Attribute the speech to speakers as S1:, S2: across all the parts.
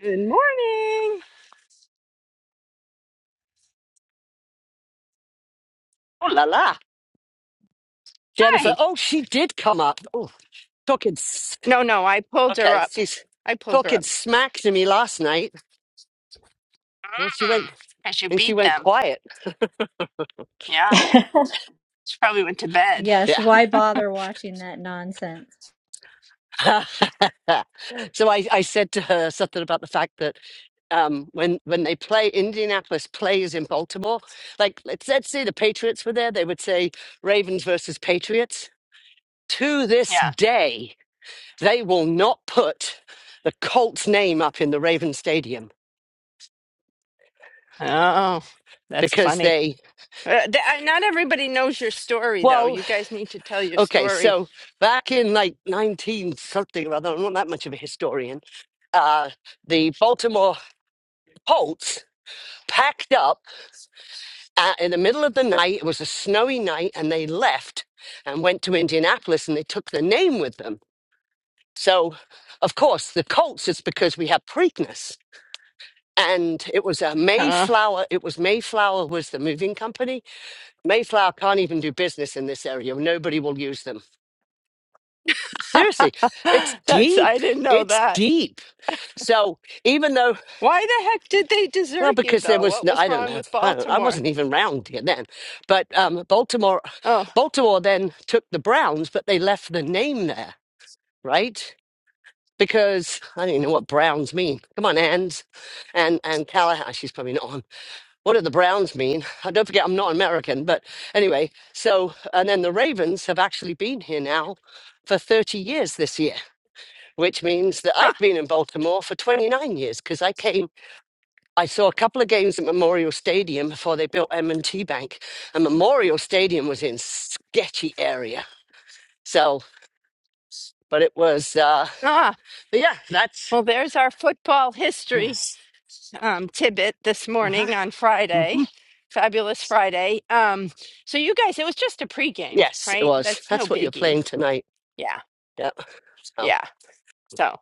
S1: Good morning.
S2: Oh la la, Jennifer.
S1: Hi.
S2: Oh, she did come up. Oh, talking. s-
S1: No, no, I pulled her
S2: Okay,
S1: up.
S2: she's
S1: I pulled her
S2: talking
S1: up.
S2: smack to me last night. And she went
S1: Ah, because you
S2: and she
S1: beat
S2: went
S1: them.
S2: quiet.
S1: Yeah. She probably went to bed.
S3: Yes,
S2: Yeah.
S3: why bother watching that nonsense?
S2: so I, I said to her something about the fact that um, when when they play Indianapolis plays in Baltimore, like let's let's say the Patriots were there, they would say Ravens versus Patriots. To this
S1: Yeah.
S2: day, they will not put the Colts name up in the Raven Stadium
S1: Oh, that's
S2: because
S1: funny.
S2: they
S1: Uh, th- I- not everybody knows your story, though.
S2: well
S1: You guys need to tell your
S2: Okay,
S1: story.
S2: so back in like 19 something or other, I'm not that much of a historian, uh, the Baltimore Colts packed up uh, in the middle of the night. It was a snowy night, and they left and went to Indianapolis and they took the name with them. So, of course, the Colts is because we have Preakness. And it was a
S1: Uh,
S2: Mayflower. It was Mayflower was the moving company. Mayflower can't even do business in this area. Nobody will use them. Seriously, it's
S1: that's,
S2: deep.
S1: I didn't know
S2: It's
S1: that.
S2: deep So even though,
S1: Why the heck did they
S2: well,
S1: desert you,
S2: because there
S1: though?
S2: was
S1: What
S2: no,
S1: was
S2: I don't
S1: wrong
S2: know,
S1: with
S2: I, don't, I
S1: Baltimore?
S2: wasn't even round here then, but um, Baltimore,
S1: Oh,
S2: Baltimore then took the Browns, but they left the name there, right? Because I don't even know what Browns mean. Come on, Ands and and Callahan. She's probably not on. What do the Browns mean? Uh, Don't forget, I'm not American, but anyway. So and then the Ravens have actually been here now for 30 years this year, which means that
S1: huh.
S2: I've been in Baltimore for 29 years because I came I saw a couple of games at Memorial Stadium before they built M&T Bank, and Memorial Stadium was in sketchy area. So, but it was, uh,
S1: ah.
S2: but yeah, that's
S1: Well, there's our football history
S2: yes,
S1: um, tidbit this
S2: uh-huh.
S1: morning on
S2: hmm
S1: Friday. Fabulous Friday. Um, so, you guys, it was just a pregame,
S2: yes, it
S1: right?
S2: was.
S1: That's no
S2: That's what you're
S1: biggie.
S2: playing tonight.
S1: Yeah.
S2: Yeah. So
S1: Yeah. So,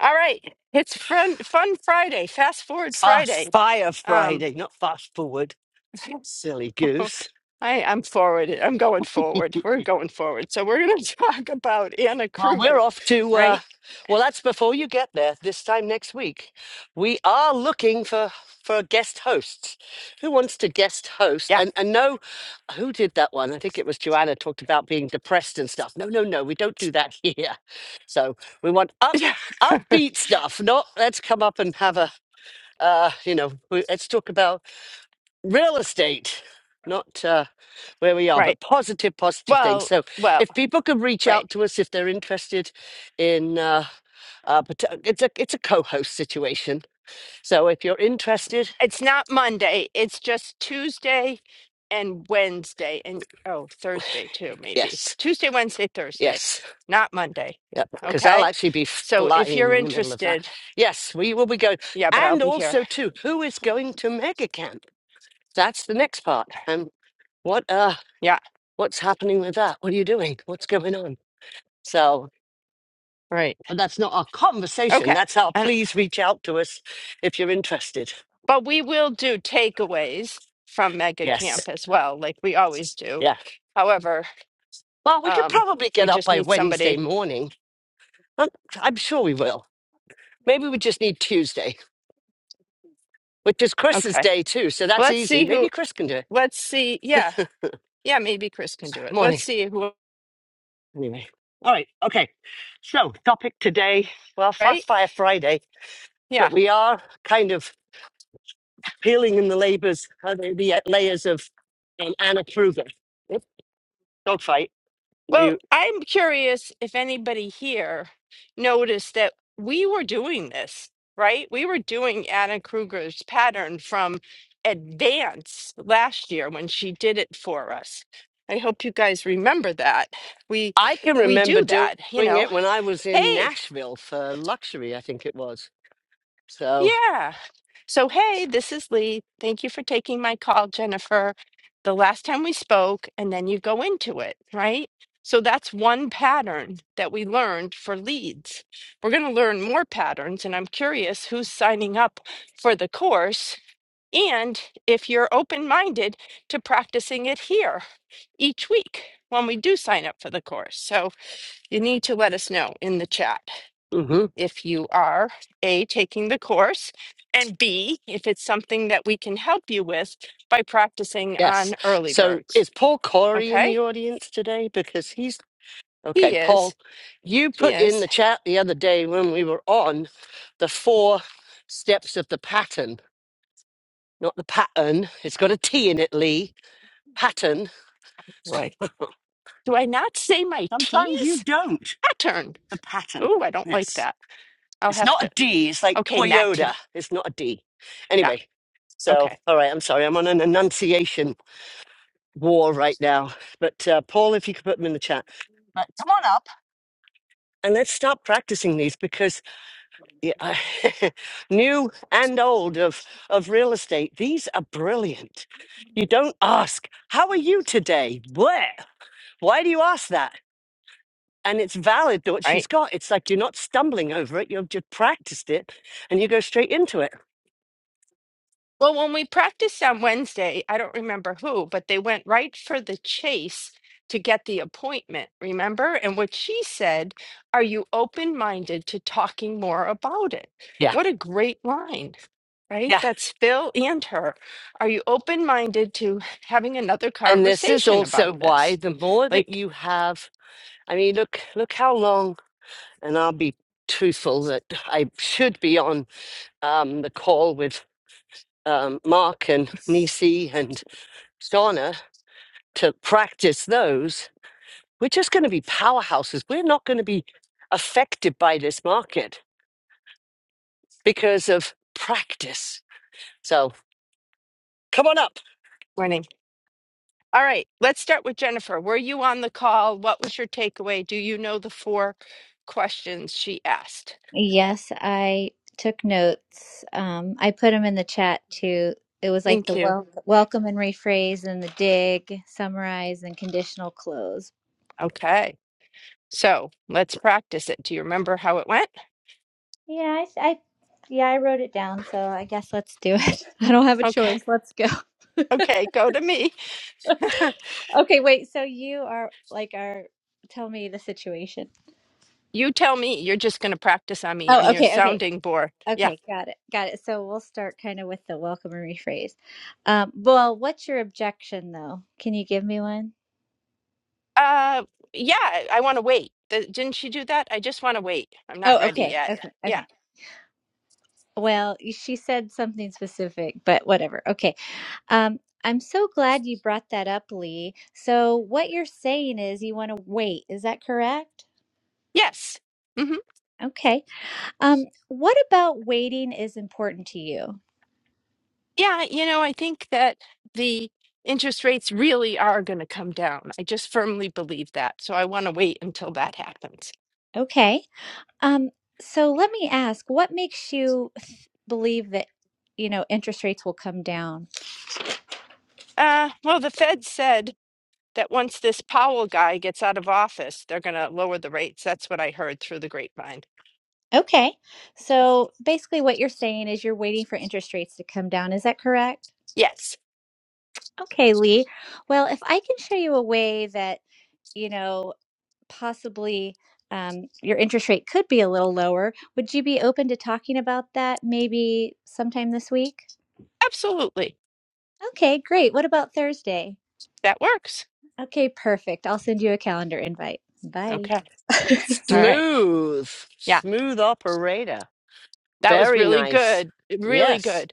S1: all right. It's fun, fun Friday, fast forward Friday.
S2: fast fire
S1: Um,
S2: Friday, not fast forward. Silly goose.
S1: I, I'm forward. I'm going forward. We're going forward. So, we're going to talk about Anna
S2: Well, we're
S1: Kruger,
S2: off to, uh,
S1: right?
S2: well, that's before you get there. This time next week, we are looking for for guest hosts. Who wants to guest host?
S1: Yeah.
S2: And and no, who did that one? I think it was Joanna talked about being depressed and stuff. No, no, no, we don't do that here. So we want up
S1: Yeah.
S2: upbeat stuff. Not let's come up and have a, uh, you know, we, let's talk about real estate, not. Uh, where we are,
S1: Right.
S2: but positive, positive things.
S1: Well,
S2: So
S1: well,
S2: if people could reach
S1: right.
S2: out to us if they're interested in, uh, uh, pot- it's a it's a co-host situation. So if you're interested,
S1: It's not Monday. It's just Tuesday and Wednesday and oh, Thursday too, maybe.
S2: yes,
S1: Tuesday, Wednesday, Thursday,
S2: yes,
S1: not Monday.
S2: yeah, because I'll
S1: Okay.
S2: actually be
S1: So if you're
S2: flying in the middle of that.
S1: interested,
S2: Yes, we will be going,
S1: yeah, but I'll
S2: and
S1: be here.
S2: also too, who is going to Mega Camp? That's the next part, and what uh,
S1: Yeah,
S2: what's happening with that? What are you doing? What's going on? So.
S1: right.
S2: But that's not our conversation.
S1: Okay.
S2: That's our
S1: And
S2: please reach out to us if you're interested.
S1: but we will do takeaways from Mega
S2: Yes.
S1: Camp as well, like we always do.
S2: Yeah.
S1: However,
S2: Well, we could
S1: um,
S2: probably
S1: we
S2: get up
S1: just
S2: by
S1: need
S2: Wednesday
S1: somebody.
S2: morning. I'm, I'm sure we will. Maybe we just need Tuesday, which is Chris's
S1: Okay.
S2: day too. So that's
S1: Let's
S2: easy.
S1: see
S2: Maybe
S1: who
S2: Chris can do it.
S1: let's see. Yeah. Yeah, maybe Chris can do it. Let's
S2: Morning.
S1: see who
S2: Anyway. All right. Okay. So, topic today. Well,
S1: right?
S2: Fast Fire Friday,
S1: Yeah.
S2: but we are kind of peeling in the labors, uh, the the layers of um, Anna Kruger. Oops, Dog fight.
S1: Well,
S2: You,
S1: I'm curious if anybody here noticed that we were doing this, right? We were doing Anna Kruger's pattern from Advance last year when she did it for us. I hope you guys remember that. We
S2: I can
S1: we
S2: remember
S1: do
S2: doing
S1: that, you know.
S2: it when I was in
S1: Hey,
S2: Nashville for luxury, I think it was. So.
S1: Yeah. So, hey, this is Lee. Thank you for taking my call, Jennifer. The last time we spoke, and then you go into it, right? So, that's one pattern that we learned for leads. We're going to learn more patterns, and I'm curious who's signing up for the course and if you're open minded to practicing it here each week when we do sign up for the course. So, you need to let us know in the chat
S2: mhm.
S1: if you are A, taking the course, and B, if it's something that we can help you with by practicing
S2: Yes.
S1: on early
S2: So
S1: birds.
S2: is Paul Corey in the
S1: Okay?
S2: audience today? Because he's okay,
S1: He
S2: Paul,
S1: is.
S2: you
S1: He
S2: put in
S1: is.
S2: the chat the other day when we were on the four steps of the pattern, not the pattern. It's got a T in it, Lee. Pattern.
S1: Right. Do I not say my
S2: Sometimes you
S1: T's?
S2: don't.
S1: Pattern.
S2: The pattern.
S1: Oh, I don't like
S2: Yes.
S1: that. I'll
S2: It's
S1: have
S2: not
S1: to.
S2: a D. It's like
S1: Okay,
S2: Toyota.
S1: Matty.
S2: It's not a D.
S1: Yeah.
S2: Anyway, so,
S1: Okay.
S2: all right, I'm sorry. I'm on an enunciation war right now. But uh, Paul, if you could put them in the chat. But come on up. and let's start practicing these because yeah, I- new and old of of real estate these are brilliant you don't ask how are you today where why do you ask that and it's valid to what
S1: All Right.
S2: she's got it's like you're not stumbling over it you've just practiced it and you go straight into it
S1: Well, when we practiced on Wednesday, I don't remember who, but they went right for the chase to get the appointment, remember? And what she said, are you open minded to talking more about it?
S2: yeah
S1: What a great line, right?
S2: yeah
S1: That's Phil and her. Are you open minded to having another
S2: and this is
S1: conversation
S2: also
S1: about
S2: why
S1: this?
S2: the more that
S1: Like,
S2: you have i mean look look how long and i'll be truthful that i should be on um, the call with um, Mark and Nisi and Shauna to practice those, we're just going to be powerhouses. We're not going to be affected by this market because of practice. So come on up.
S1: winning. All right, let's start with Jennifer. Were you on the call? What was your takeaway? Do you know the four questions she asked?
S3: Yes, I took notes. Um, I put them in the chat too. It was like
S1: Thank
S3: the
S1: you.
S3: wel welcome and rephrase and the dig, summarize and conditional close.
S1: Okay. So let's practice it. Do you remember how it went?
S3: Yeah, I, I, yeah, I wrote it down, so I guess let's do it. I don't have a
S1: Okay.
S3: choice. Let's go.
S1: Okay. Go to me.
S3: Okay, wait. So you are like our, tell me the situation.
S1: You tell me. You're just going to practice on me.
S3: Oh,
S1: I'm your
S3: okay, okay.
S1: sounding board. Yeah.
S3: Okay, got it. Got it. So we'll start kind of with the welcome and rephrase. Um, well, what's your objection though? Can you give me one?
S1: Uh, yeah. I, I want to wait. Th- didn't she do that? I just want to wait. I'm not
S3: Oh,
S1: ready
S3: okay.
S1: yet.
S3: Okay.
S1: Yeah.
S3: Okay. Well, y- she said something specific, but whatever. Okay. Um, I'm so glad you brought that up, Lee. So what you're saying is you want to wait. Is that correct?
S1: Yes. hmm
S3: Okay. Um, what about waiting is important to you?
S1: Yeah. You know, I think that the interest rates really are going to come down. I just firmly believe that. So I want to wait until that happens.
S3: Okay. Um, so let me ask, what makes you th- believe that, you know, interest rates will come down?
S1: Uh, well, the Fed said that once this Powell guy gets out of office, they're going to lower the rates. That's what I heard through the grapevine.
S3: Okay. So basically, what you're saying is you're waiting for interest rates to come down. Is that correct?
S1: Yes,
S3: Okay, Lee. Well, if I can show you a way that, you know, possibly um, your interest rate could be a little lower, would you be open to talking about that maybe sometime this week?
S1: absolutely.
S3: Okay, great. What about Thursday?
S1: That works.
S3: Okay, perfect. I'll send you a calendar invite. Bye.
S1: Okay. All right.
S2: Smooth,
S1: Yeah,
S2: smooth operator.
S1: that was
S2: Very
S1: really
S2: nice.
S1: good. Really
S2: Yes.
S1: good.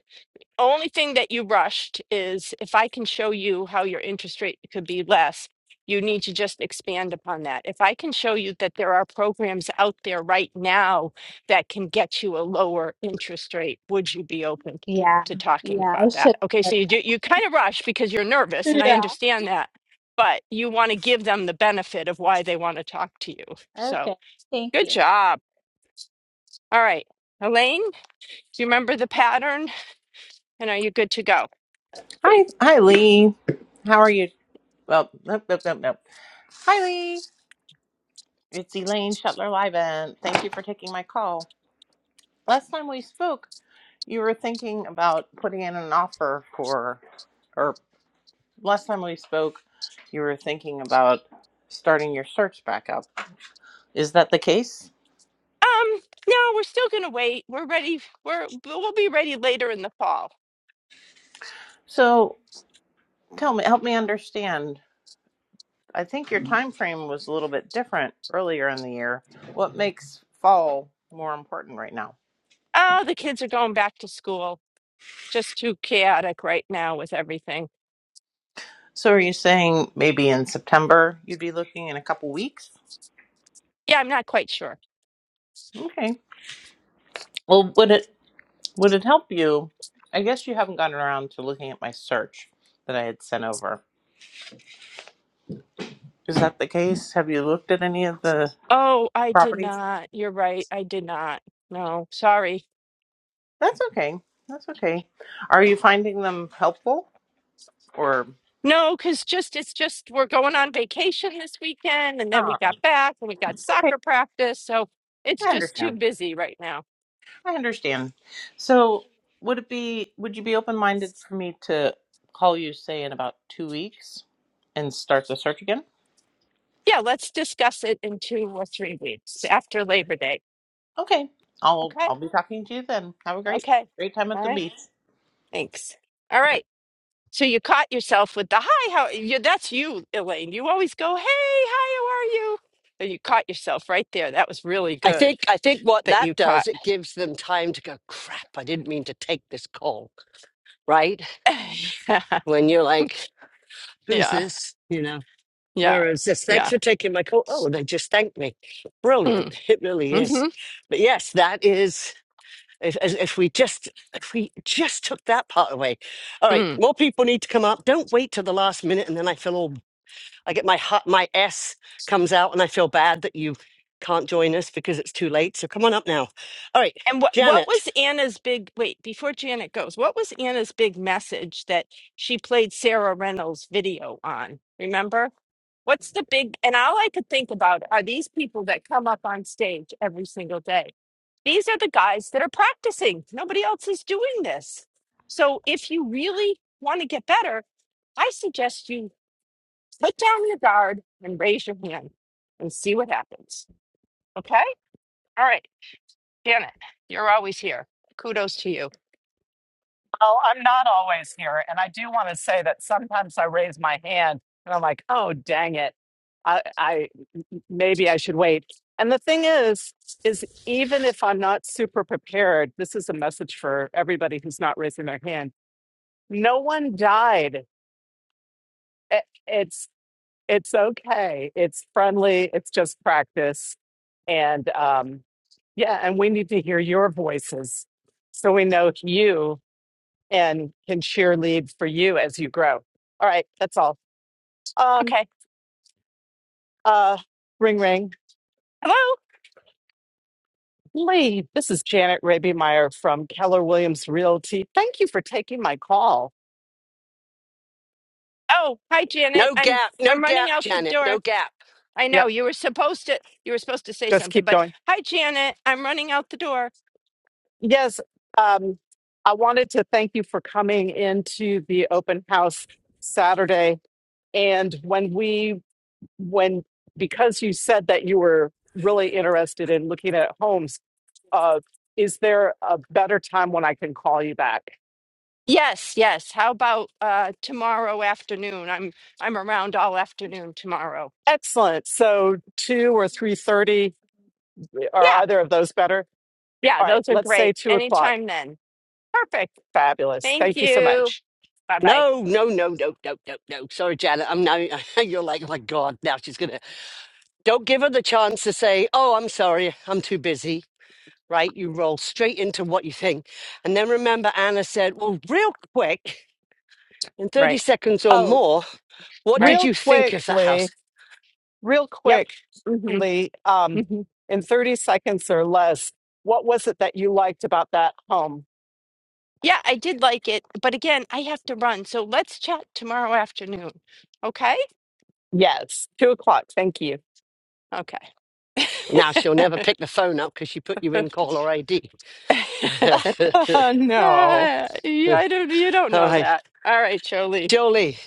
S1: only thing that you rushed is if I can show you how your interest rate could be less, you need to just expand upon that. If I can show you that there are programs out there right now that can get you a lower interest rate, would you be open
S3: Yeah.
S1: to talking
S3: Yeah, I
S1: about that?
S3: should.
S1: Okay, so you do, you kind of rush because you're
S3: Yeah.
S1: nervous, and I understand that, but you want to give them the benefit of why they want to talk to you. So
S3: Okay. Thank
S1: good
S3: you.
S1: job. All right, Elaine, do you remember the pattern? And are you good to go?
S4: Hi, hi, Lee. How are you? Well, nope, nope, nope, nope. Hi, Lee. It's Elaine Shuttler Liven. Thank you for taking my call. Last time we spoke, you were thinking about putting in an offer for, or last time we spoke, you were thinking about starting your search back up. Is that the case?
S1: Um, no, we're still gonna wait. We're ready. We're we'll be ready later in the fall.
S4: So tell me, help me understand. I think your time frame was a little bit different earlier in the year. What makes fall more important right now?
S1: Oh, the kids are going back to school. Just too chaotic right now with everything.
S4: So are you saying maybe in September you'd be looking in a couple weeks?
S1: Yeah, I'm not quite sure.
S4: Okay. Well, would it would it help you? I guess you haven't gotten around to looking at my search that I had sent over. Is that the case? Have you looked at any of the
S1: Oh, I did
S4: properties?
S1: not. You're right. I did not. No, sorry.
S4: That's okay. That's okay. Are you finding them helpful or
S1: No, because just it's just we're going on vacation this weekend, and then
S4: Oh,
S1: we got back and we got
S4: okay.
S1: soccer practice, so it's
S4: I
S1: just too
S4: understand.
S1: busy right now.
S4: I understand. So, would it be would you be open-minded for me to call you say in about 2 weeks and start the search again?
S1: Yeah, let's discuss it in two or three weeks after Labor Day.
S4: Okay. I'll
S1: Okay.
S4: I'll be talking to you then. Have a great
S1: Okay.
S4: great time at
S1: All
S4: the
S1: right.
S4: beach.
S1: Thanks. All
S4: Bye bye.
S1: right. So you caught yourself with the hi, how you that's you, Elaine. You always go, "Hey, hi, how are you?" So you caught yourself right there. That was really
S2: I
S1: good
S2: think I think what
S1: that
S2: that
S1: you caught.
S2: does, it gives them time to go, crap, I didn't mean to take this call. Right?
S1: yeah.
S2: When you're like, who's
S1: Yeah.
S2: this? You know.
S1: Yeah.
S2: Whereas this? Thanks
S1: Yeah.
S2: for taking my call. Oh, they just thanked me. Brilliant.
S1: Mm,
S2: It really is.
S1: mhm,
S2: But yes, that is if as- if we just if we just took that part away. All right,
S1: mm.
S2: more people need to come up. Don't wait till the last minute and then I feel all I get my hot, my S comes out and I feel bad that you can't join us because it's too late. So come on up now. All right,
S1: And what what
S2: Janet.
S1: was Anna's big wait, before Janet goes, what was Anna's big message that she played Sarah Reynolds' video on? Remember? What's the big, and all I could think about are these people that come up on stage every single day. These are the guys that are practicing. Nobody else is doing this. So if you really want to get better, I suggest you put down your guard and raise your hand and see what happens. Okay? All right. Janet, you're always here. Kudos to you.
S5: Oh, I'm not always here. And I do want to say that sometimes I raise my hand and I'm like, oh, dang it. I, I maybe I should wait. And the thing is, is even if I'm not super prepared, this is a message for everybody who's not raising their hand. No one died. It- it's it's okay. It's friendly. It's just practice. And um, yeah, and we need to hear your voices so we know you and can cheerlead for you as you grow. All right, that's all. Um,
S1: Okay.
S5: uh, ring, ring.
S1: Hello?
S5: Lee, this is Janet Raby Meyer from Keller Williams Realty. Thank you for taking my call.
S1: Oh, hi Janet.
S2: No
S1: I'm
S2: gap, no
S1: I'm running
S2: gap,
S1: out the
S2: Janet. No
S1: door.
S2: gap.
S1: I know
S5: Yep,
S1: you were supposed to you were supposed to say
S5: just
S1: something,
S5: keep
S1: but
S5: going.
S1: hi Janet, I'm running out the door.
S5: Yes, um, I wanted to thank you for coming into the open house Saturday. And when we, when, because you said that you were really interested in looking at homes, uh, is there a better time when I can call you back?
S1: Yes, yes. How about uh tomorrow afternoon? I'm I'm around all afternoon tomorrow.
S5: Excellent. So two or three thirty, are
S1: Yeah,
S5: either of those better?
S1: yeah,
S5: All right,
S1: those are
S5: let's say
S1: great.
S5: two o'clock.
S1: Anytime then. Perfect.
S5: Fabulous.
S1: Thank
S5: Thank you so
S1: you.
S5: much.
S1: Bye bye.
S2: No, no, no, no, no, no, no. Sorry, Janet. I'm now you're like, oh my God, now she's gonna Don't give her the chance to say, Oh, I'm sorry, I'm too busy, right? You roll straight into what you think. And then remember, Anna said, Well, real quick, in 30
S1: Right,
S2: seconds or
S5: Oh,
S2: more, what did
S1: right.
S5: real
S2: you think of that house?
S5: quickly, real
S1: Yep. hmm
S5: quickly, um,
S1: hmm
S5: in thirty seconds or less, what was it that you liked about that home?
S1: Yeah, I did like it, but again, I have to run. So let's chat tomorrow afternoon. Okay?
S5: Yes, two o'clock. Thank you.
S1: Okay.
S2: Now she'll never pick the phone up because she put you in caller ID.
S5: no.
S1: uh, yeah, I don't you don't
S2: All
S1: know
S2: right,
S1: that. All right, Jolie.
S2: Jolie,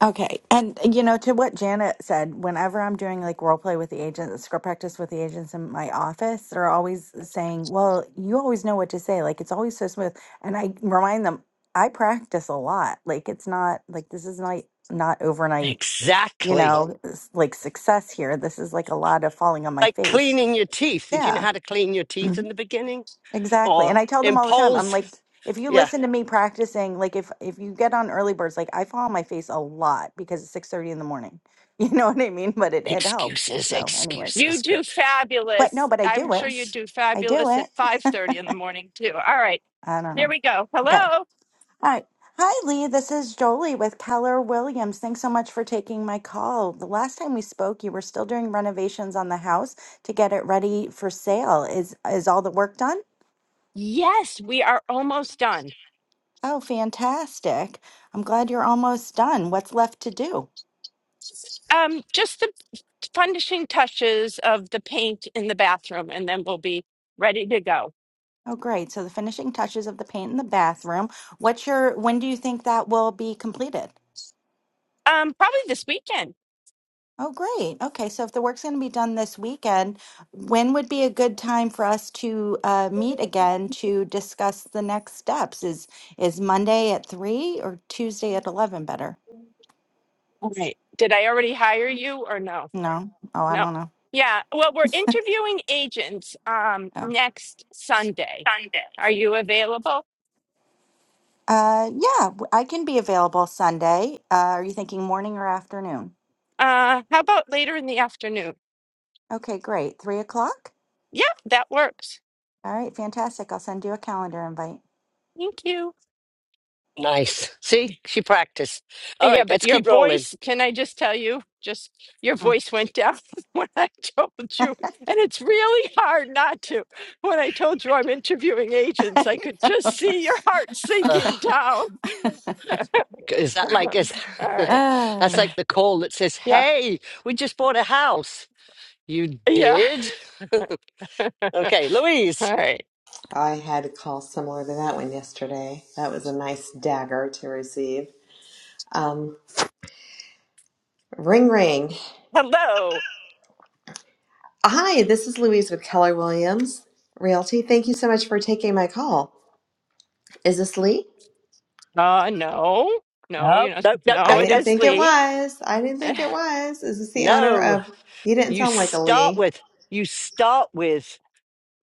S6: Okay. And you know, to what Janet said, whenever I'm doing like role play with the agents, script practice with the agents in my office, they're always saying, Well, you always know what to say. Like it's always so smooth. And I remind them, I practice a lot. Like it's not like this is not not overnight, you
S2: exactly.
S6: know, s- like success here. This is like a lot of falling on my
S2: Like
S6: face.
S2: cleaning your teeth. Did you
S6: Yeah.
S2: know how to clean your teeth in the beginning?
S6: Exactly.
S2: Or
S6: And I tell them all the time, I'm
S2: impose,
S6: like, if you
S2: yeah,
S6: listen to me practicing, like if if you get on early birds, like I fall on my face a lot because it's six thirty in the morning. You know what I mean? But it, it helps.
S2: excuses,
S6: So anyways.
S2: excuses,
S1: You
S2: but
S1: do
S6: But no,
S1: fabulous.
S6: but I
S1: I'm
S6: do it.
S1: sure you
S2: yes.
S1: do
S6: I do
S1: fabulous at
S6: it.
S1: 5:30 in the morning too. All right.
S6: I don't know.
S1: Here we go.
S6: Okay.
S1: Hello.
S6: All right. Hi Lee, this is Jolie with Keller Williams. Thanks so much for taking my call. The last time we spoke, you were still doing renovations on the house to get it ready for sale. Is is all the work done?
S1: Yes, we are almost done.
S6: Oh, fantastic. I'm glad you're almost done. What's left to do?
S1: Um just the finishing touches of the paint in the bathroom and then we'll be ready to go.
S6: Oh, great. So the finishing touches of the paint in the bathroom. What's your, when do you think that will be completed?
S1: Um probably this weekend.
S6: Oh, great. Okay, so if the work's going to be done this weekend, when would be a good time for us to uh, meet again to discuss the next steps? Is is Monday at three or Tuesday at eleven better?
S1: All right. Did I already hire you or no?
S6: No. Oh, I
S1: No.
S6: don't know.
S1: Yeah, well, we're interviewing agents um
S6: Oh.
S1: next Sunday. Are you available?
S6: Uh, yeah, w- I can be available Sunday. Uh, are you thinking morning or afternoon?
S1: Uh how about later in the afternoon?
S6: Okay, great. Three o'clock?
S1: Yeah, that works.
S6: All right, fantastic. I'll send you a calendar invite.
S1: Thank you.
S2: Nice. See, she practiced. All
S1: Yeah,
S2: right,
S1: but
S2: let's
S1: your
S2: keep rolling.
S1: voice, can I just tell you, just your
S6: Mm.
S1: voice went down when I told you. And it's really hard not to. When I told you I'm interviewing agents, I could just see your heart
S2: Uh,
S1: sinking down.
S2: is that like
S1: All
S2: is
S1: right.
S2: that's
S6: Ah.
S2: like the call that says,
S1: Yeah.
S2: "Hey, we just bought a house." You
S1: Yeah.
S2: did?
S1: All
S2: okay, Louise.
S1: right.
S7: I had a call similar to that one yesterday. That was a nice dagger to receive. Um, ring, ring.
S1: Hello.
S7: Hi, this is Louise with Keller Williams Realty. Thank you so much for taking my call. Is this Lee?
S1: Uh, no. No,
S2: No,
S1: you know,
S2: nope, nope,
S1: no,
S7: I
S2: nope,
S1: it
S7: didn't
S2: nope.
S1: is
S7: think it
S1: Lee.
S7: was. I didn't think it was. Is this the owner
S2: No.
S7: of? You didn't
S2: You
S7: sound like a
S2: start
S7: Lee.
S2: with you start with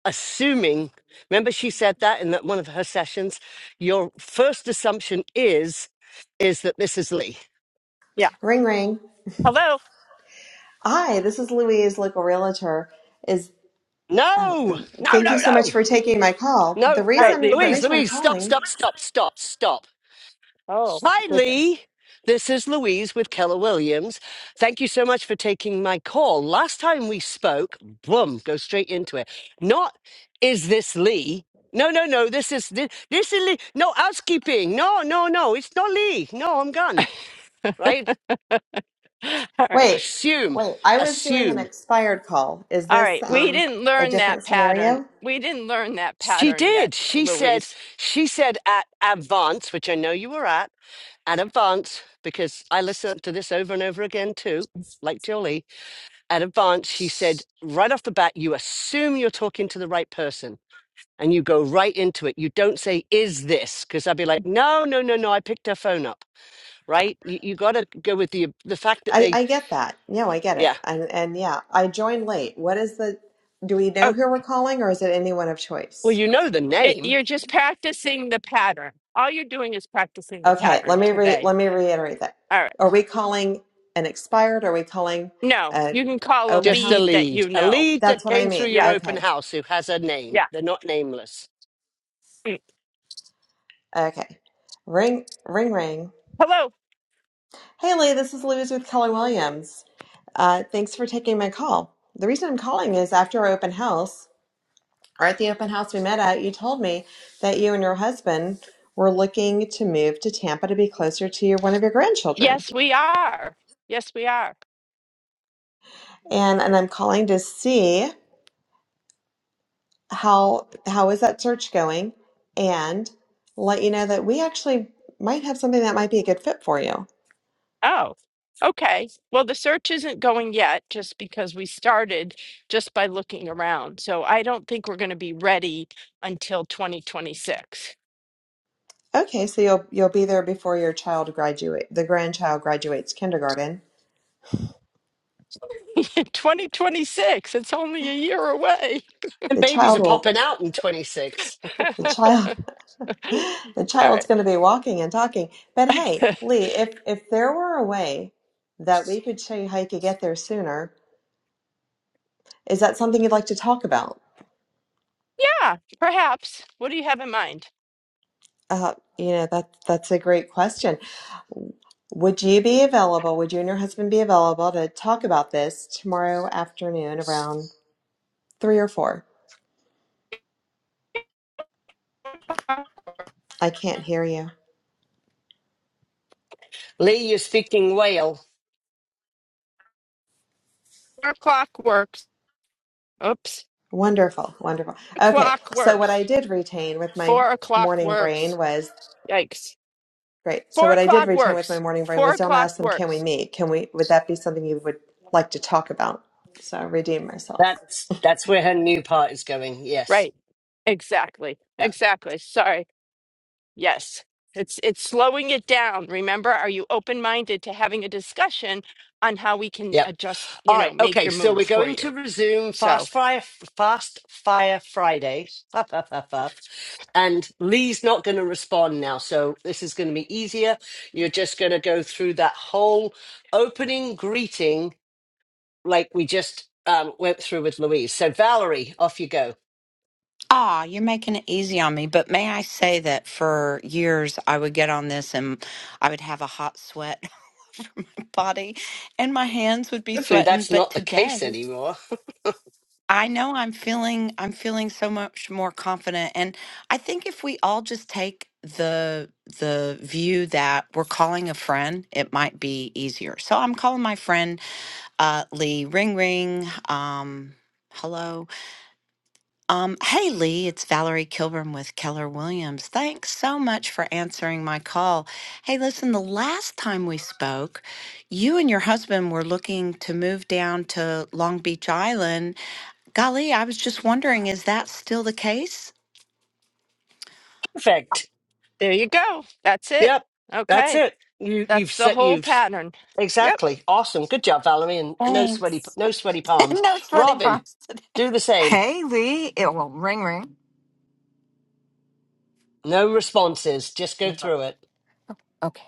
S2: assuming. Remember, she said that in that one of her sessions. Your first assumption is is that this is Lee.
S1: Yeah.
S7: Ring, ring.
S1: Hello. All
S7: Hi, this is Louise, local realtor. Is oh,
S2: No, no,
S7: thank you
S2: no,
S7: so
S2: no.
S7: much for taking my call. The
S2: No, no,
S1: right, leave
S7: reason the
S1: her.
S2: Louise,
S7: reason I'm
S2: Louise, stop,
S7: calling
S2: stop, stop, stop, stop.
S1: Oh,
S2: Hi,
S1: goodness.
S2: Lee. This is Louise with Keller Williams. Thank you so much for taking my call. Last time we spoke, boom, go straight into it. Not is this Lee? No, no, no. This is this, this is Lee. No housekeeping. No, no, no. It's not Lee. No, I'm gone. Right?
S1: All right.
S7: Wait,
S2: Assume,
S7: wait. I was doing an
S2: assume.
S7: expired call. Is
S1: All
S7: this
S1: right, we
S7: um
S1: didn't
S7: a
S1: learn
S7: different
S1: that pattern.
S7: scenario?
S1: We didn't learn that
S2: She
S1: pattern
S2: did.
S1: yet,
S2: She said.
S1: Louise.
S2: She said at Advance, which I know you were at. at Advance, because I listened to this over and over again too, like Jolie, at Advance, she said right off the bat, you assume you're talking to the right person and you go right into it. You don't say, is this? Because I'd be like, no, no, no, no, I picked her phone up, right? You, you got to go with the, the fact that
S7: I
S2: they,
S7: I get that. No, I get it.
S2: yeah.
S7: And and yeah, I joined late. What is the? Do we know
S1: Oh,
S7: who we're calling, or is it anyone of
S2: Well,
S7: choice?
S2: you know the
S1: it,
S2: name,
S1: you're just practicing the pattern. All you're doing is practicing the
S7: Okay, let
S1: pattern
S7: me re
S1: today.
S7: let me reiterate that.
S1: All right.
S7: Are we calling an expired? Are we calling
S1: No,
S7: an
S1: you can call a
S7: open
S2: just a
S7: house?
S1: lead that
S2: lead,
S1: you
S2: a
S1: know.
S2: lead
S7: That's
S2: that
S7: what I
S2: came through
S7: mean.
S2: your
S1: Yeah,
S2: open
S7: Okay,
S2: house who has a name.
S1: yeah.
S2: They're not nameless.
S1: Mm.
S7: okay. Ring ring ring.
S1: Hello.
S7: Hey Lee, this is Louise with Keller Williams. Uh, thanks for taking my call. The reason I'm calling is after our open house, or at the open house we met at, you told me that you and your husband were looking to move to Tampa to be closer to your, one of your grandchildren.
S1: Yes, we are. Yes, we are.
S7: And and I'm calling to see how how is that search going and let you know that we actually might have something that might be a good fit for you.
S1: Oh, okay. Well, the search isn't going yet just because we started just by looking around. So I don't think we're going to be ready until 2026.
S7: Okay, so you'll you'll be there before your child graduate the grandchild graduates kindergarten.
S1: 2026. It's only a year away.
S2: And
S7: The
S2: babies
S7: child
S2: are
S7: will
S2: popping out in 26.
S7: the child the
S1: All
S7: child's
S1: right.
S7: going to be walking and talking but hey lee if if there were a way that we could show you how you could get there sooner is that something you'd like to talk about
S1: Yeah, perhaps. What do you have in mind?
S7: uh, you know that that's a great question would you be available would you and your husband be available to talk about this tomorrow afternoon around three or four i can't hear you
S2: Lee, you're speaking whale.
S1: Four o'clock works. Oops.
S7: wonderful wonderful okay
S1: O'clock
S7: so what i
S1: works.
S7: did retain with my
S1: Four o'clock
S7: morning brain
S1: works.
S7: was
S1: Yikes.
S7: Great. So
S1: Four
S7: what I did
S1: o'clock
S7: retain with my
S1: works.
S7: morning brain
S1: Four
S7: was don't
S1: o'clock
S7: ask them, can we
S1: works.
S7: meet? Can we, would that be something you would like to talk about? So I redeemed myself.
S2: That's that's where her new part is going. Yes.
S1: Right. Exactly.
S2: Yep.
S1: Exactly. Sorry. Yes. It's it's slowing it down. Remember, are you open-minded to having a discussion on how we can
S2: Yep.
S1: adjust,
S2: All
S1: you know,
S2: right.
S1: make
S2: Okay.
S1: your
S2: So
S1: move
S2: we're
S1: for
S2: going
S1: you?
S2: to resume
S1: So
S2: fast fire fast fire Friday. Fuff, fuff, fuff, fuff. And Lee's not going to respond now. So this is going to be easier. You're just going to go through that whole opening greeting like we just um, went through with Louise. So, Valerie, off you go.
S8: Ah, you're making it easy on me, but may I say that for years I would get on this and I would have a hot sweat body and my hands would be
S2: Hopefully,
S8: sweating,
S2: that's
S8: but
S2: not the
S8: today
S2: case anymore.
S8: I know I'm feeling I'm feeling so much more confident and I think if we all just take the the view that we're calling a friend, it might be easier. So I'm calling my friend uh Lee Ring Ring. Um hello. Um, hey Lee, it's Valerie Kilburn with Keller Williams. Thanks so much for answering my call. Hey, listen, the last time we spoke, you and your husband were looking to move down to Long Beach Island. Golly, I was just wondering, is that still the case?
S2: Perfect.
S1: There you go. That's it.
S2: Yep, that's
S1: Okay.
S2: it. You you've
S1: That's the
S2: set
S1: whole
S2: you've
S1: pattern. Yep.
S2: exactly awesome. Good job, Valerie, and no sweaty no sweaty palms. Robin, do the same.
S9: Hey Lee, it will ring ring.
S2: No responses. Just go through it.
S9: Okay.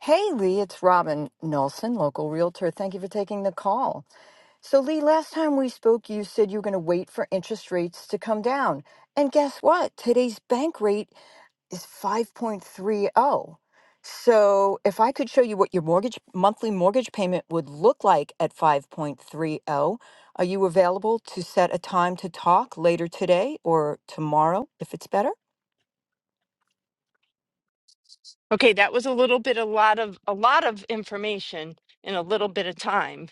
S9: Hey Lee, it's Robin Nelson, local realtor. Thank you for taking the call. So Lee, last time we spoke, you said you were going to wait for interest rates to come down. And guess what? Today's bank rate is 5.30. So if I could show you what your mortgage monthly mortgage payment would look like at 5.30, are you available to set a time to talk later today or tomorrow if it's better?
S1: Okay, that was a little bit a lot of a lot of information in a little bit of time.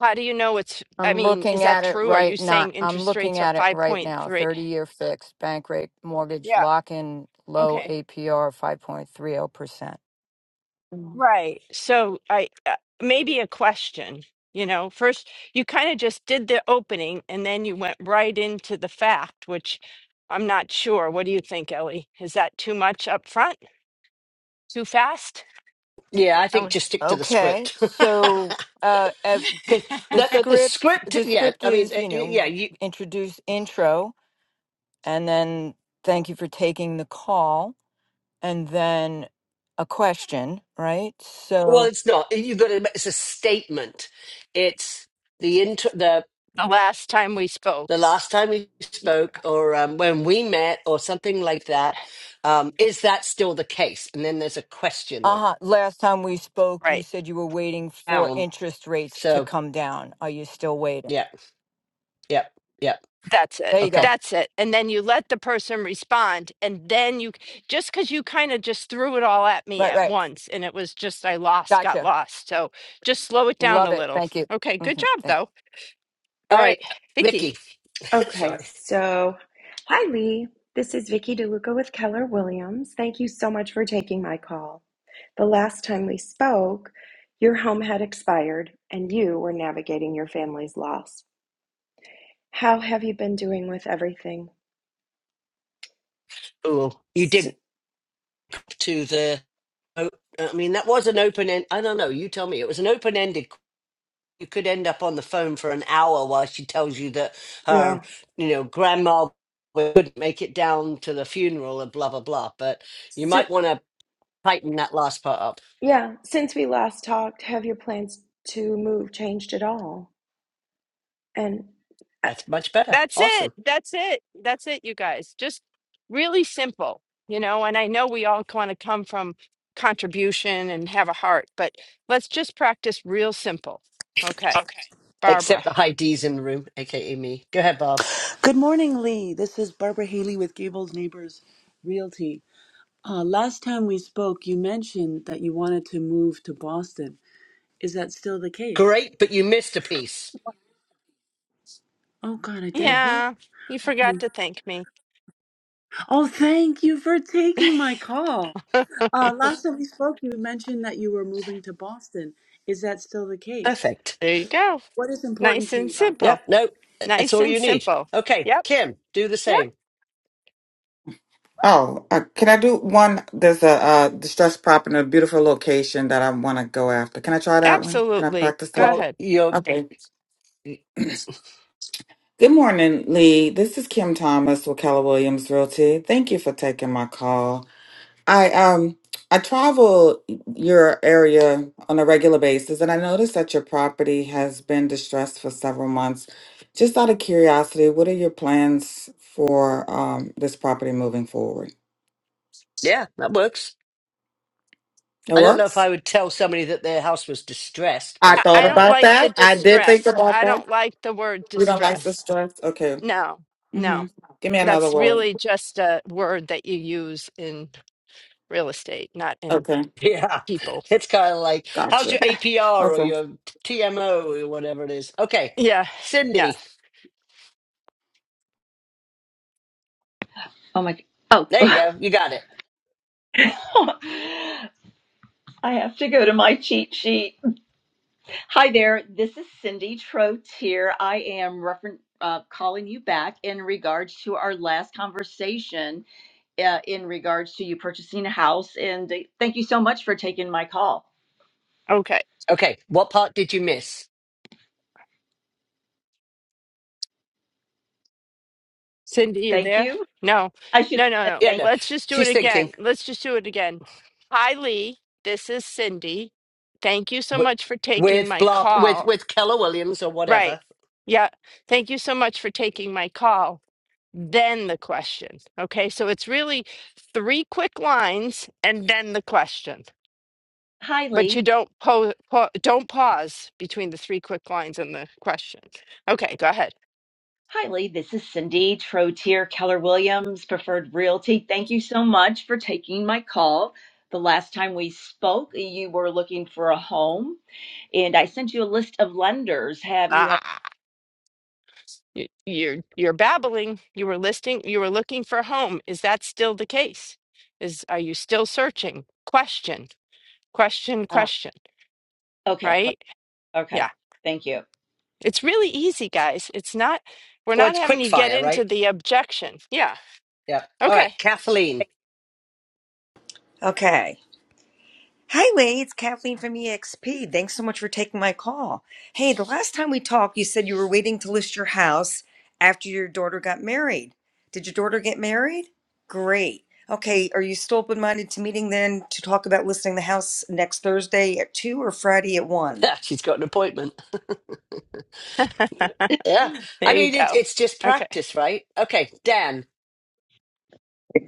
S1: How do you know it's I
S9: I'm
S1: mean, is
S9: looking
S1: that
S9: at it
S1: true? Are you
S9: right now.
S1: saying
S9: I'm
S1: interest
S9: looking
S1: rates are
S9: at it right now.
S1: 5.3?
S9: 30-year fixed bank rate mortgage
S1: Yeah.
S9: lock in low
S1: Okay.
S9: APR 5.30%. Mm.
S1: Right. So I uh, maybe a question, you know, first you kind of just did the opening and then you went right into the fact, which I'm not sure. What do you think, Ellie? Is that too much up front? Too fast?
S2: Yeah, I think just stick to the
S9: Okay.
S2: script because
S9: So uh ev- the
S2: the, the the
S9: script
S2: script.
S9: the
S2: Yeah,
S9: script
S2: I mean,
S9: is,
S2: uh,
S9: you know,
S2: yeah. You
S9: introduce intro and then thank you for taking the call and then a question, right?
S2: well,
S9: So
S2: it's not. You got to. It's a statement. It's the intro. The
S1: the last time we
S2: the
S1: spoke.
S2: last time we
S1: Y-
S2: spoke, or um, when we met, or something like that. Um, is that still the case? And then there's a question on.
S9: uh-huh. Last time we spoke, you
S1: Right.
S9: said you were waiting for
S2: down.
S9: interest rates to
S2: So,
S9: come down. Are you still waiting?
S2: yeah, yeah, yeah.
S1: That's it.
S9: There you go.
S2: Okay.
S1: That's it. And then you let the person respond. And then you just because you kind of just threw it all at me
S9: Right,
S1: at
S9: right.
S1: once. And it was just, I lost, got
S9: Gotcha.
S1: lost. So just slow it down
S9: Love
S1: a
S9: it.
S1: little.
S9: Thank you.
S1: Okay.
S9: hmm
S1: Good job,
S9: Thanks.
S1: though. All
S2: All right,
S1: right. Vicky.
S2: Vicky.
S10: Okay,
S2: Sorry.
S10: so hi Lee. This is Vicky DeLuca with Keller Williams. Thank you so much for taking my call. The last time we spoke, your home had expired and you were navigating your family's loss. How have you been doing with everything?
S2: Oh, you
S10: S-
S2: did to the. oh, I mean, that was an open end. I don't know. You tell me. It was an open ended. You could end up on the phone for an hour while she tells you that her,
S10: yeah.
S2: you know, grandma would make it down to the funeral and blah blah blah. But you
S10: S-
S2: might want to tighten that last part up.
S10: yeah, since we last talked, have your plans to move changed at all? And uh,
S2: That's much better.
S1: That's
S2: Awesome.
S1: it. That's it. That's it, you guys. Just really simple, you know. And I know we all want to come from contribution and have a heart, but let's just practice real simple. Okay.
S11: Okay.
S1: Barbara.
S2: Except the high D's in the room, aka me. Go ahead, Bob.
S11: Good morning, Lee. This is Barbara Haley with Gables Neighbors Realty. Uh, last time we spoke, you mentioned that you wanted to move to Boston. Is that still the case?
S2: Great, but you missed a piece.
S11: Oh, God, I did?
S2: Mm-hmm.
S1: Yeah, you forgot to thank me.
S11: Oh, thank you for taking my call. Uh, last time we spoke, you mentioned that you were moving to Boston. Is that still the case?
S2: Perfect.
S1: There you go.
S11: What is important
S1: Nice
S11: to you
S1: and
S11: about that?
S2: Yep.
S1: simple.
S2: No, that's
S1: Nice
S2: all
S1: and
S2: you need.
S1: simple.
S2: Okay,
S1: Yep.
S2: Kim, do the
S1: Yep.
S2: same.
S12: Oh, uh, can I do one? There's a uh, distressed prop in a beautiful location that I want to go after. Can I try that one? Can I
S1: Absolutely.
S12: practice
S1: Go
S12: that?
S2: Well,
S1: ahead.
S2: you're,
S12: Okay. Good morning, Lee. This is Kim Thomas with Keller Williams Realty. Thank you for taking my call. I um I travel your area on a regular basis, and I noticed that your property has been distressed for several months. Just out of curiosity, what are your plans for um, this property moving forward?
S2: yeah, that works.
S12: It
S2: I don't know
S12: works.
S2: if I would tell somebody that their house was distressed,
S12: I
S1: I
S2: but
S12: thought
S1: I
S2: um,
S1: don't
S12: about
S1: like the
S12: that. I did think
S1: distressed.
S12: about
S1: I
S12: that.
S1: don't like the word
S12: We don't like the
S1: distressed.
S12: stress. Okay.
S1: No, no.
S12: Give me another
S1: That's
S12: word.
S1: really just a word that you use in real estate, not in
S12: Okay.
S2: yeah,
S1: people.
S2: it's kind of like, how's
S12: Gotcha.
S2: your APR or
S12: Okay.
S2: your TMO or whatever it is? Okay,
S1: Yeah. Yeah.
S2: Cindy,
S13: Oh my, oh,
S2: there you go. You got it.
S13: I have to go to my cheat sheet. Hi there, this is Cindy Trotier. I am refer- uh, calling you back in regards to our last conversation uh, in regards to you purchasing a house. And uh, thank you so much for taking my call.
S1: Okay.
S2: Okay, what part did you miss?
S1: Cindy, you
S13: Thank
S1: there?
S13: you.
S1: No,
S13: I should
S1: no, no,
S13: have said
S1: no.
S2: Yeah,
S13: thank
S2: no,
S1: Let's just do it
S2: she's thinking
S1: again. Let's just do it again. Hi, Lee. This is Cindy. Thank you so
S2: wi-
S1: much for taking
S2: with
S1: my
S2: blah with
S1: call.
S2: with Keller Williams or
S1: Right.
S2: whatever.
S1: Yeah. Thank you so much for taking my call. Then the question. Okay. So it's really three quick lines and then the question.
S13: you. Hi,
S1: But
S13: Lee.
S1: you don't po- pa- don't pause between the three quick lines and the question. Okay, go ahead.
S13: Hi, Lee. This is Cindy Trotier Keller Williams, Preferred Realty. Thank you so much for taking my call. The last time we spoke, you were looking for a home, and I sent you a list of lenders. Have you had?
S1: You, you're you're babbling. You were listing. You were looking for a home. Is that still the case? Is are you still searching? Question, question,
S13: Uh,
S1: question.
S13: okay, qu-
S1: Right?
S13: okay.
S1: Yeah.
S13: Thank you.
S1: It's really easy, guys. It's not. We're
S2: Well,
S1: not
S2: it's
S1: having
S2: quick
S1: you get
S2: fire,
S1: into
S2: right?
S1: the objection. Yeah.
S2: Yeah. All right,
S1: Okay.
S2: Kathleen.
S14: Okay. Hi, Wade. It's Kathleen from EXP. Thanks so much for taking my call. Hey, the last time we talked, you said you were waiting to list your house after your daughter got married. Did your daughter get married? Great. Okay. Are you still open minded to meeting then to talk about listing the house next Thursday at 2 or Friday at 1?
S2: Yeah, she's got an appointment. yeah. I
S1: There you
S2: mean, it,
S1: go.
S2: it's just
S1: Okay.
S2: practice, right? Okay, Dan.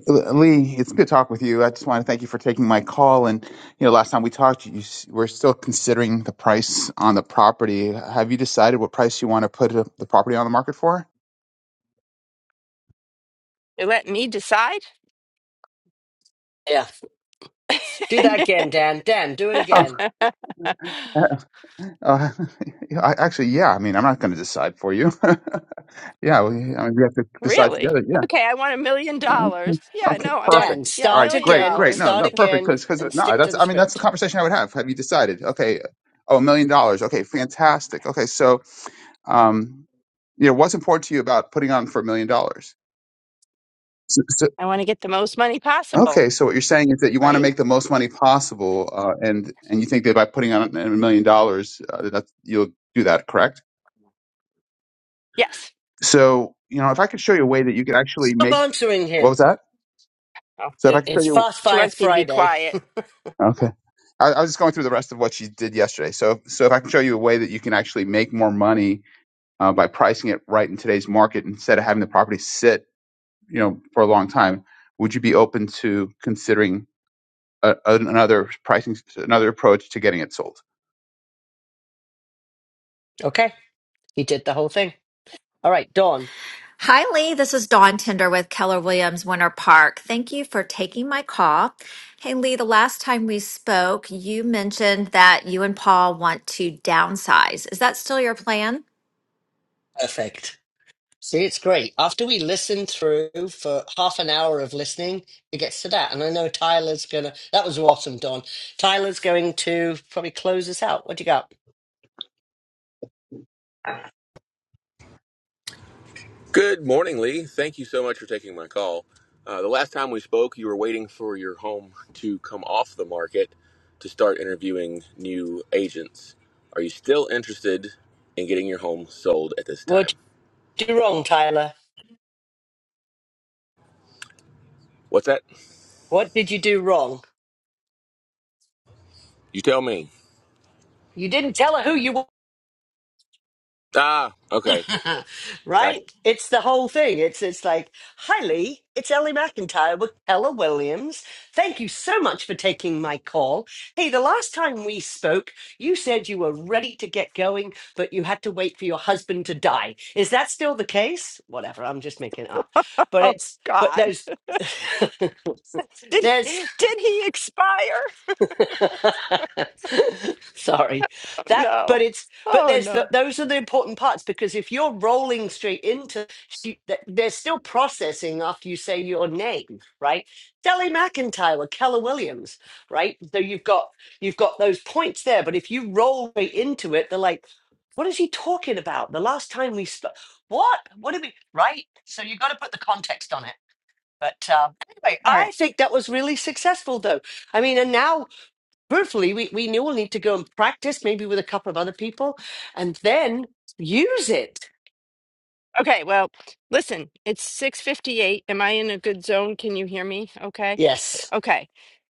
S15: Lee, it's good to talk with you. I just want to thank you for taking my call. And you know, last time we talked, you s- were still considering the price on the property. Have you decided what price you want to put uh, the property on the market for?
S1: You're letting me decide?
S2: Yeah. Do that again, Dan. Dan, do it
S15: Oh,
S2: again.
S15: uh, I, actually, yeah. I mean, I'm not going to decide for you. yeah, we, I mean, we have to decide
S1: really?
S15: together. Yeah.
S1: Okay, I want a million
S15: Okay.
S1: dollars. Yeah,
S15: Okay.
S1: no, I want,
S15: Perfect.
S2: Dan,
S1: yeah,
S15: All
S1: a
S15: right.
S2: start
S1: million
S15: Great.
S2: again,
S15: Great. No,
S1: dollars.
S2: start
S15: no. Perfect.
S2: again,
S15: Because because
S2: and
S15: no,
S2: stick to
S15: that's
S2: the
S15: I mean that's the
S2: script.
S15: conversation I would have. Have you decided? Okay. Oh, a million dollars. Okay. Fantastic. Okay. So Um, you know, what's important to you about putting on for a million dollars? So, so,
S1: I want to get the most money possible,
S15: okay, so what you're saying is that you want to
S1: right?
S15: make the most money possible, uh, and and you think that by putting on a million dollars, uh, that you'll do that, correct?
S1: Yes.
S15: So, you know, if I could show you a way that you could actually
S2: Stop
S15: make
S2: answering
S15: what
S2: him.
S15: was that?
S1: Oh,
S15: So, if I
S2: It,
S15: could show
S2: it's
S15: you,
S2: Fast
S1: she
S2: Fire
S1: wants me to be
S2: Friday.
S1: quiet.
S15: okay, I, I was just going through the rest of what she did yesterday. So, so if I can show you a way that you can actually make more money uh, by pricing it right in today's market instead of having the property sit, you know, for a long time, would you be open to considering? a, another pricing, another approach to getting it sold.
S2: Okay, he did the whole thing. All right, Dawn.
S16: Hi, Lee. This is Dawn Tinder with Keller Williams Winter Park. Thank you for taking my call. Hey, Lee, the last time we spoke, you mentioned that you and Paul want to downsize. Is that still your plan?
S2: Perfect. See, it's great. After we listen through for half an hour of listening, it gets to that. And I know Tyler's going to, that was awesome, Dawn. Tyler's going to probably close us out. What do you got?
S17: Good morning, Lee. Thank you so much for taking my call. Uh, the last time we spoke, you were waiting for your home to come off the market to start interviewing new agents. Are you still interested in getting your home sold at this
S2: What
S17: time?
S2: did you do wrong, Tyler?
S17: What's that?
S2: What did you do wrong?
S17: You tell me.
S2: You didn't tell her who you
S17: Ah, okay.
S2: were,
S17: Gotcha.
S2: right? It's the whole thing. It's it's like, hi Lee, it's Ellie McIntyre with Keller Williams. Thank you so much for taking my call. Hey, the last time we spoke, you said you were ready to get going, but you had to wait for your husband to die. Is that still the case? Whatever, I'm just making it up. But
S1: Oh
S2: it's but
S1: God.
S2: there's
S1: Did
S2: there's
S1: did he expire?
S2: Sorry.
S1: Oh,
S2: That
S1: no.
S2: but it's but
S1: Oh
S2: there's
S1: no.
S2: the,
S1: All
S2: those are the important parts because if you're rolling straight into she, th- they're still processing after you say your name, right? Deli McIntyre or Keller Williams, right? So you've got you've got those points there, but if you roll right into it, they're like, what is he talking about? The last time we sp- what? What did we right? So you got to put the context on it. But uh, anyway, I
S1: right.
S2: think that was really successful though. I mean, and now hopefully we, we knew we'll need to go and practice maybe with a couple of other people and then use it
S1: Okay, well, listen, it's 6:58. Am I in a good zone? Can you hear me? Okay.
S2: Yes.
S1: Okay.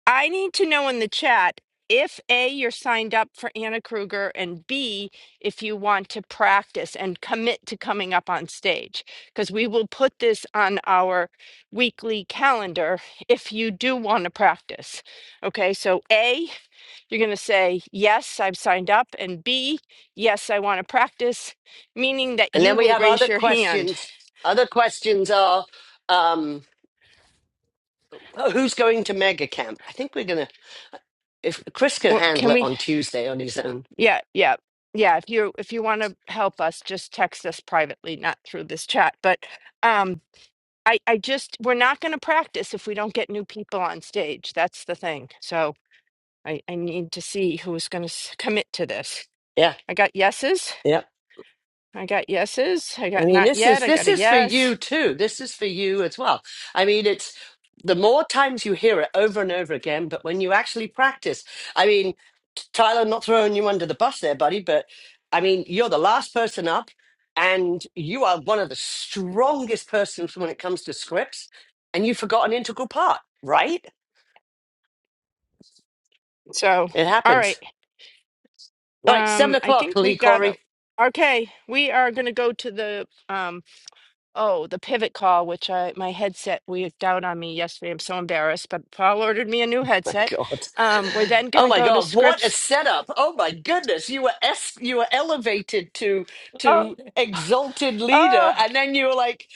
S1: I need to know in the chat if A, you're signed up for Anna Kruger, and B, if you want to practice and commit to coming up on stage, because we will put this on our weekly calendar if you do want to practice. Okay, so A, you're going to say, Yes, I've signed up, and B, Yes, I want to practice, meaning that
S2: And
S1: you
S2: then we
S1: will
S2: have other
S1: raise your hand.
S2: questions. Other questions are um, who's going to mega camp? I think we're going to, if Chris can
S1: Well,
S2: handle
S1: can
S2: it
S1: we
S2: on Tuesday on his own.
S1: Yeah, yeah, yeah. If you if you want to help us, just text us privately, not through this chat. But um, I I just we're not going to practice if we don't get new people on stage. That's the thing. So I I need to see who's going to commit to this.
S2: Yeah.
S1: I got yeses.
S2: Yeah.
S1: I got yeses. I
S2: I
S1: got
S2: mean,
S1: not
S2: this
S1: yet.
S2: is
S1: I
S2: this
S1: got a
S2: is for
S1: yes.
S2: you too. This is for you as well. I mean, it's the more times you hear it over and over again, but when you actually practice, I mean, T- Tyler, I'm not throwing you under the bus there, buddy, but I mean, you're the last person up, and you are one of the strongest persons when it comes to scripts, and you forgot an integral part, right?
S1: So
S2: It
S1: all right.
S2: happens. All right, seven
S1: Um, I
S2: o'clock,
S1: think we
S2: Lee
S1: got a.
S2: Corey.
S1: Okay, we are going to go to the um Oh, the pivot call, which I my headset went down on me yesterday. I'm so embarrassed, but Paul ordered me a new
S2: my
S1: headset.
S2: god.
S1: Um, we're then
S2: Oh
S1: gonna
S2: my
S1: go to
S2: god, what a
S1: Scripps.
S2: setup. Oh my goodness. You were es- you were elevated to
S1: Oh,
S2: to exalted leader
S1: oh,
S2: and then you were like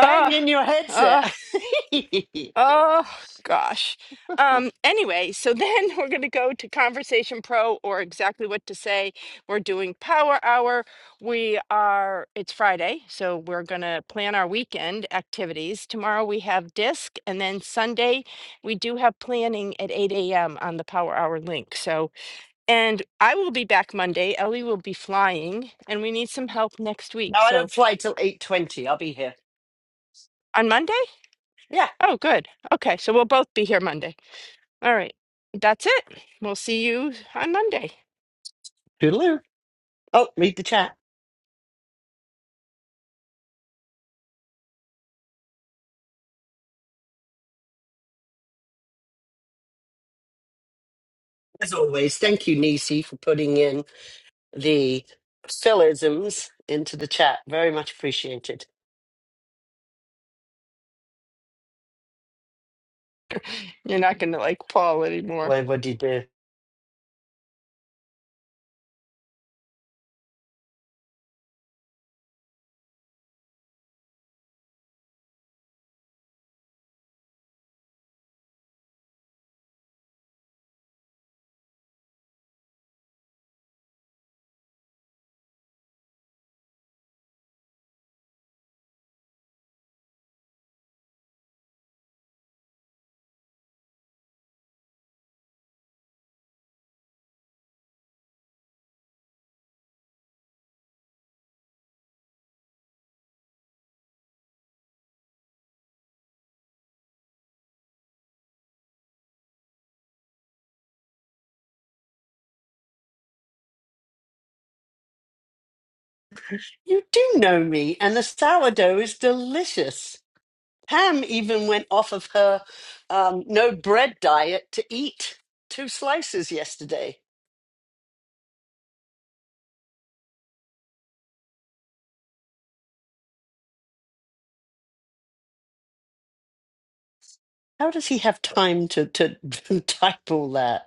S2: bang in your headset.
S1: oh.
S2: no,
S1: Oh gosh. Um, anyway, so then we're going to go to Conversation Pro or exactly what to say. We're doing Power Hour. We are, it's Friday, so we're going to plan our weekend activities. Tomorrow we have disc, and then Sunday we do have planning at 8 a.m. on the Power Hour link. So, and I will be back Monday. Ellie will be flying, and we need some help next week.
S2: I
S1: So
S2: don't fly till 8:20. I'll be here.
S1: on Monday,
S2: Yeah.
S1: Oh, good. Okay, so we'll both be here Monday. All right. That's it. We'll see you on Monday.
S2: Toodaloo. Oh, read the chat. As always, thank you Nisi for putting in the syllogisms into the chat. Very much appreciated.
S1: You're not going to like Paul anymore.
S2: Well, what do you do? You do know me and the sourdough is delicious. Pam even went off of her um, no bread diet to eat two slices yesterday. How does he have time to, to type all that?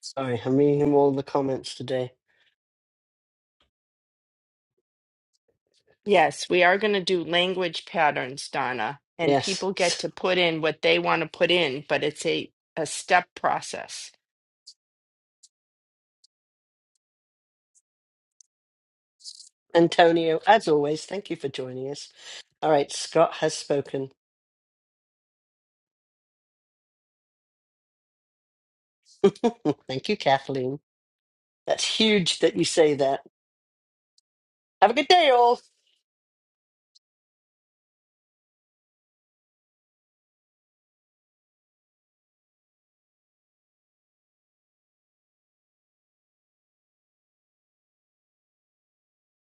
S2: Sorry, I'm reading him all the comments today.
S1: Yes, we are going to do language patterns, Donna, and people get
S2: Yes.
S1: to put in what they want to put in, but it's a, a step process.
S2: Antonio, as always, thank you for joining us. All right, Scott has spoken. thank you, Kathleen. That's huge that you say that. Have a good day, all.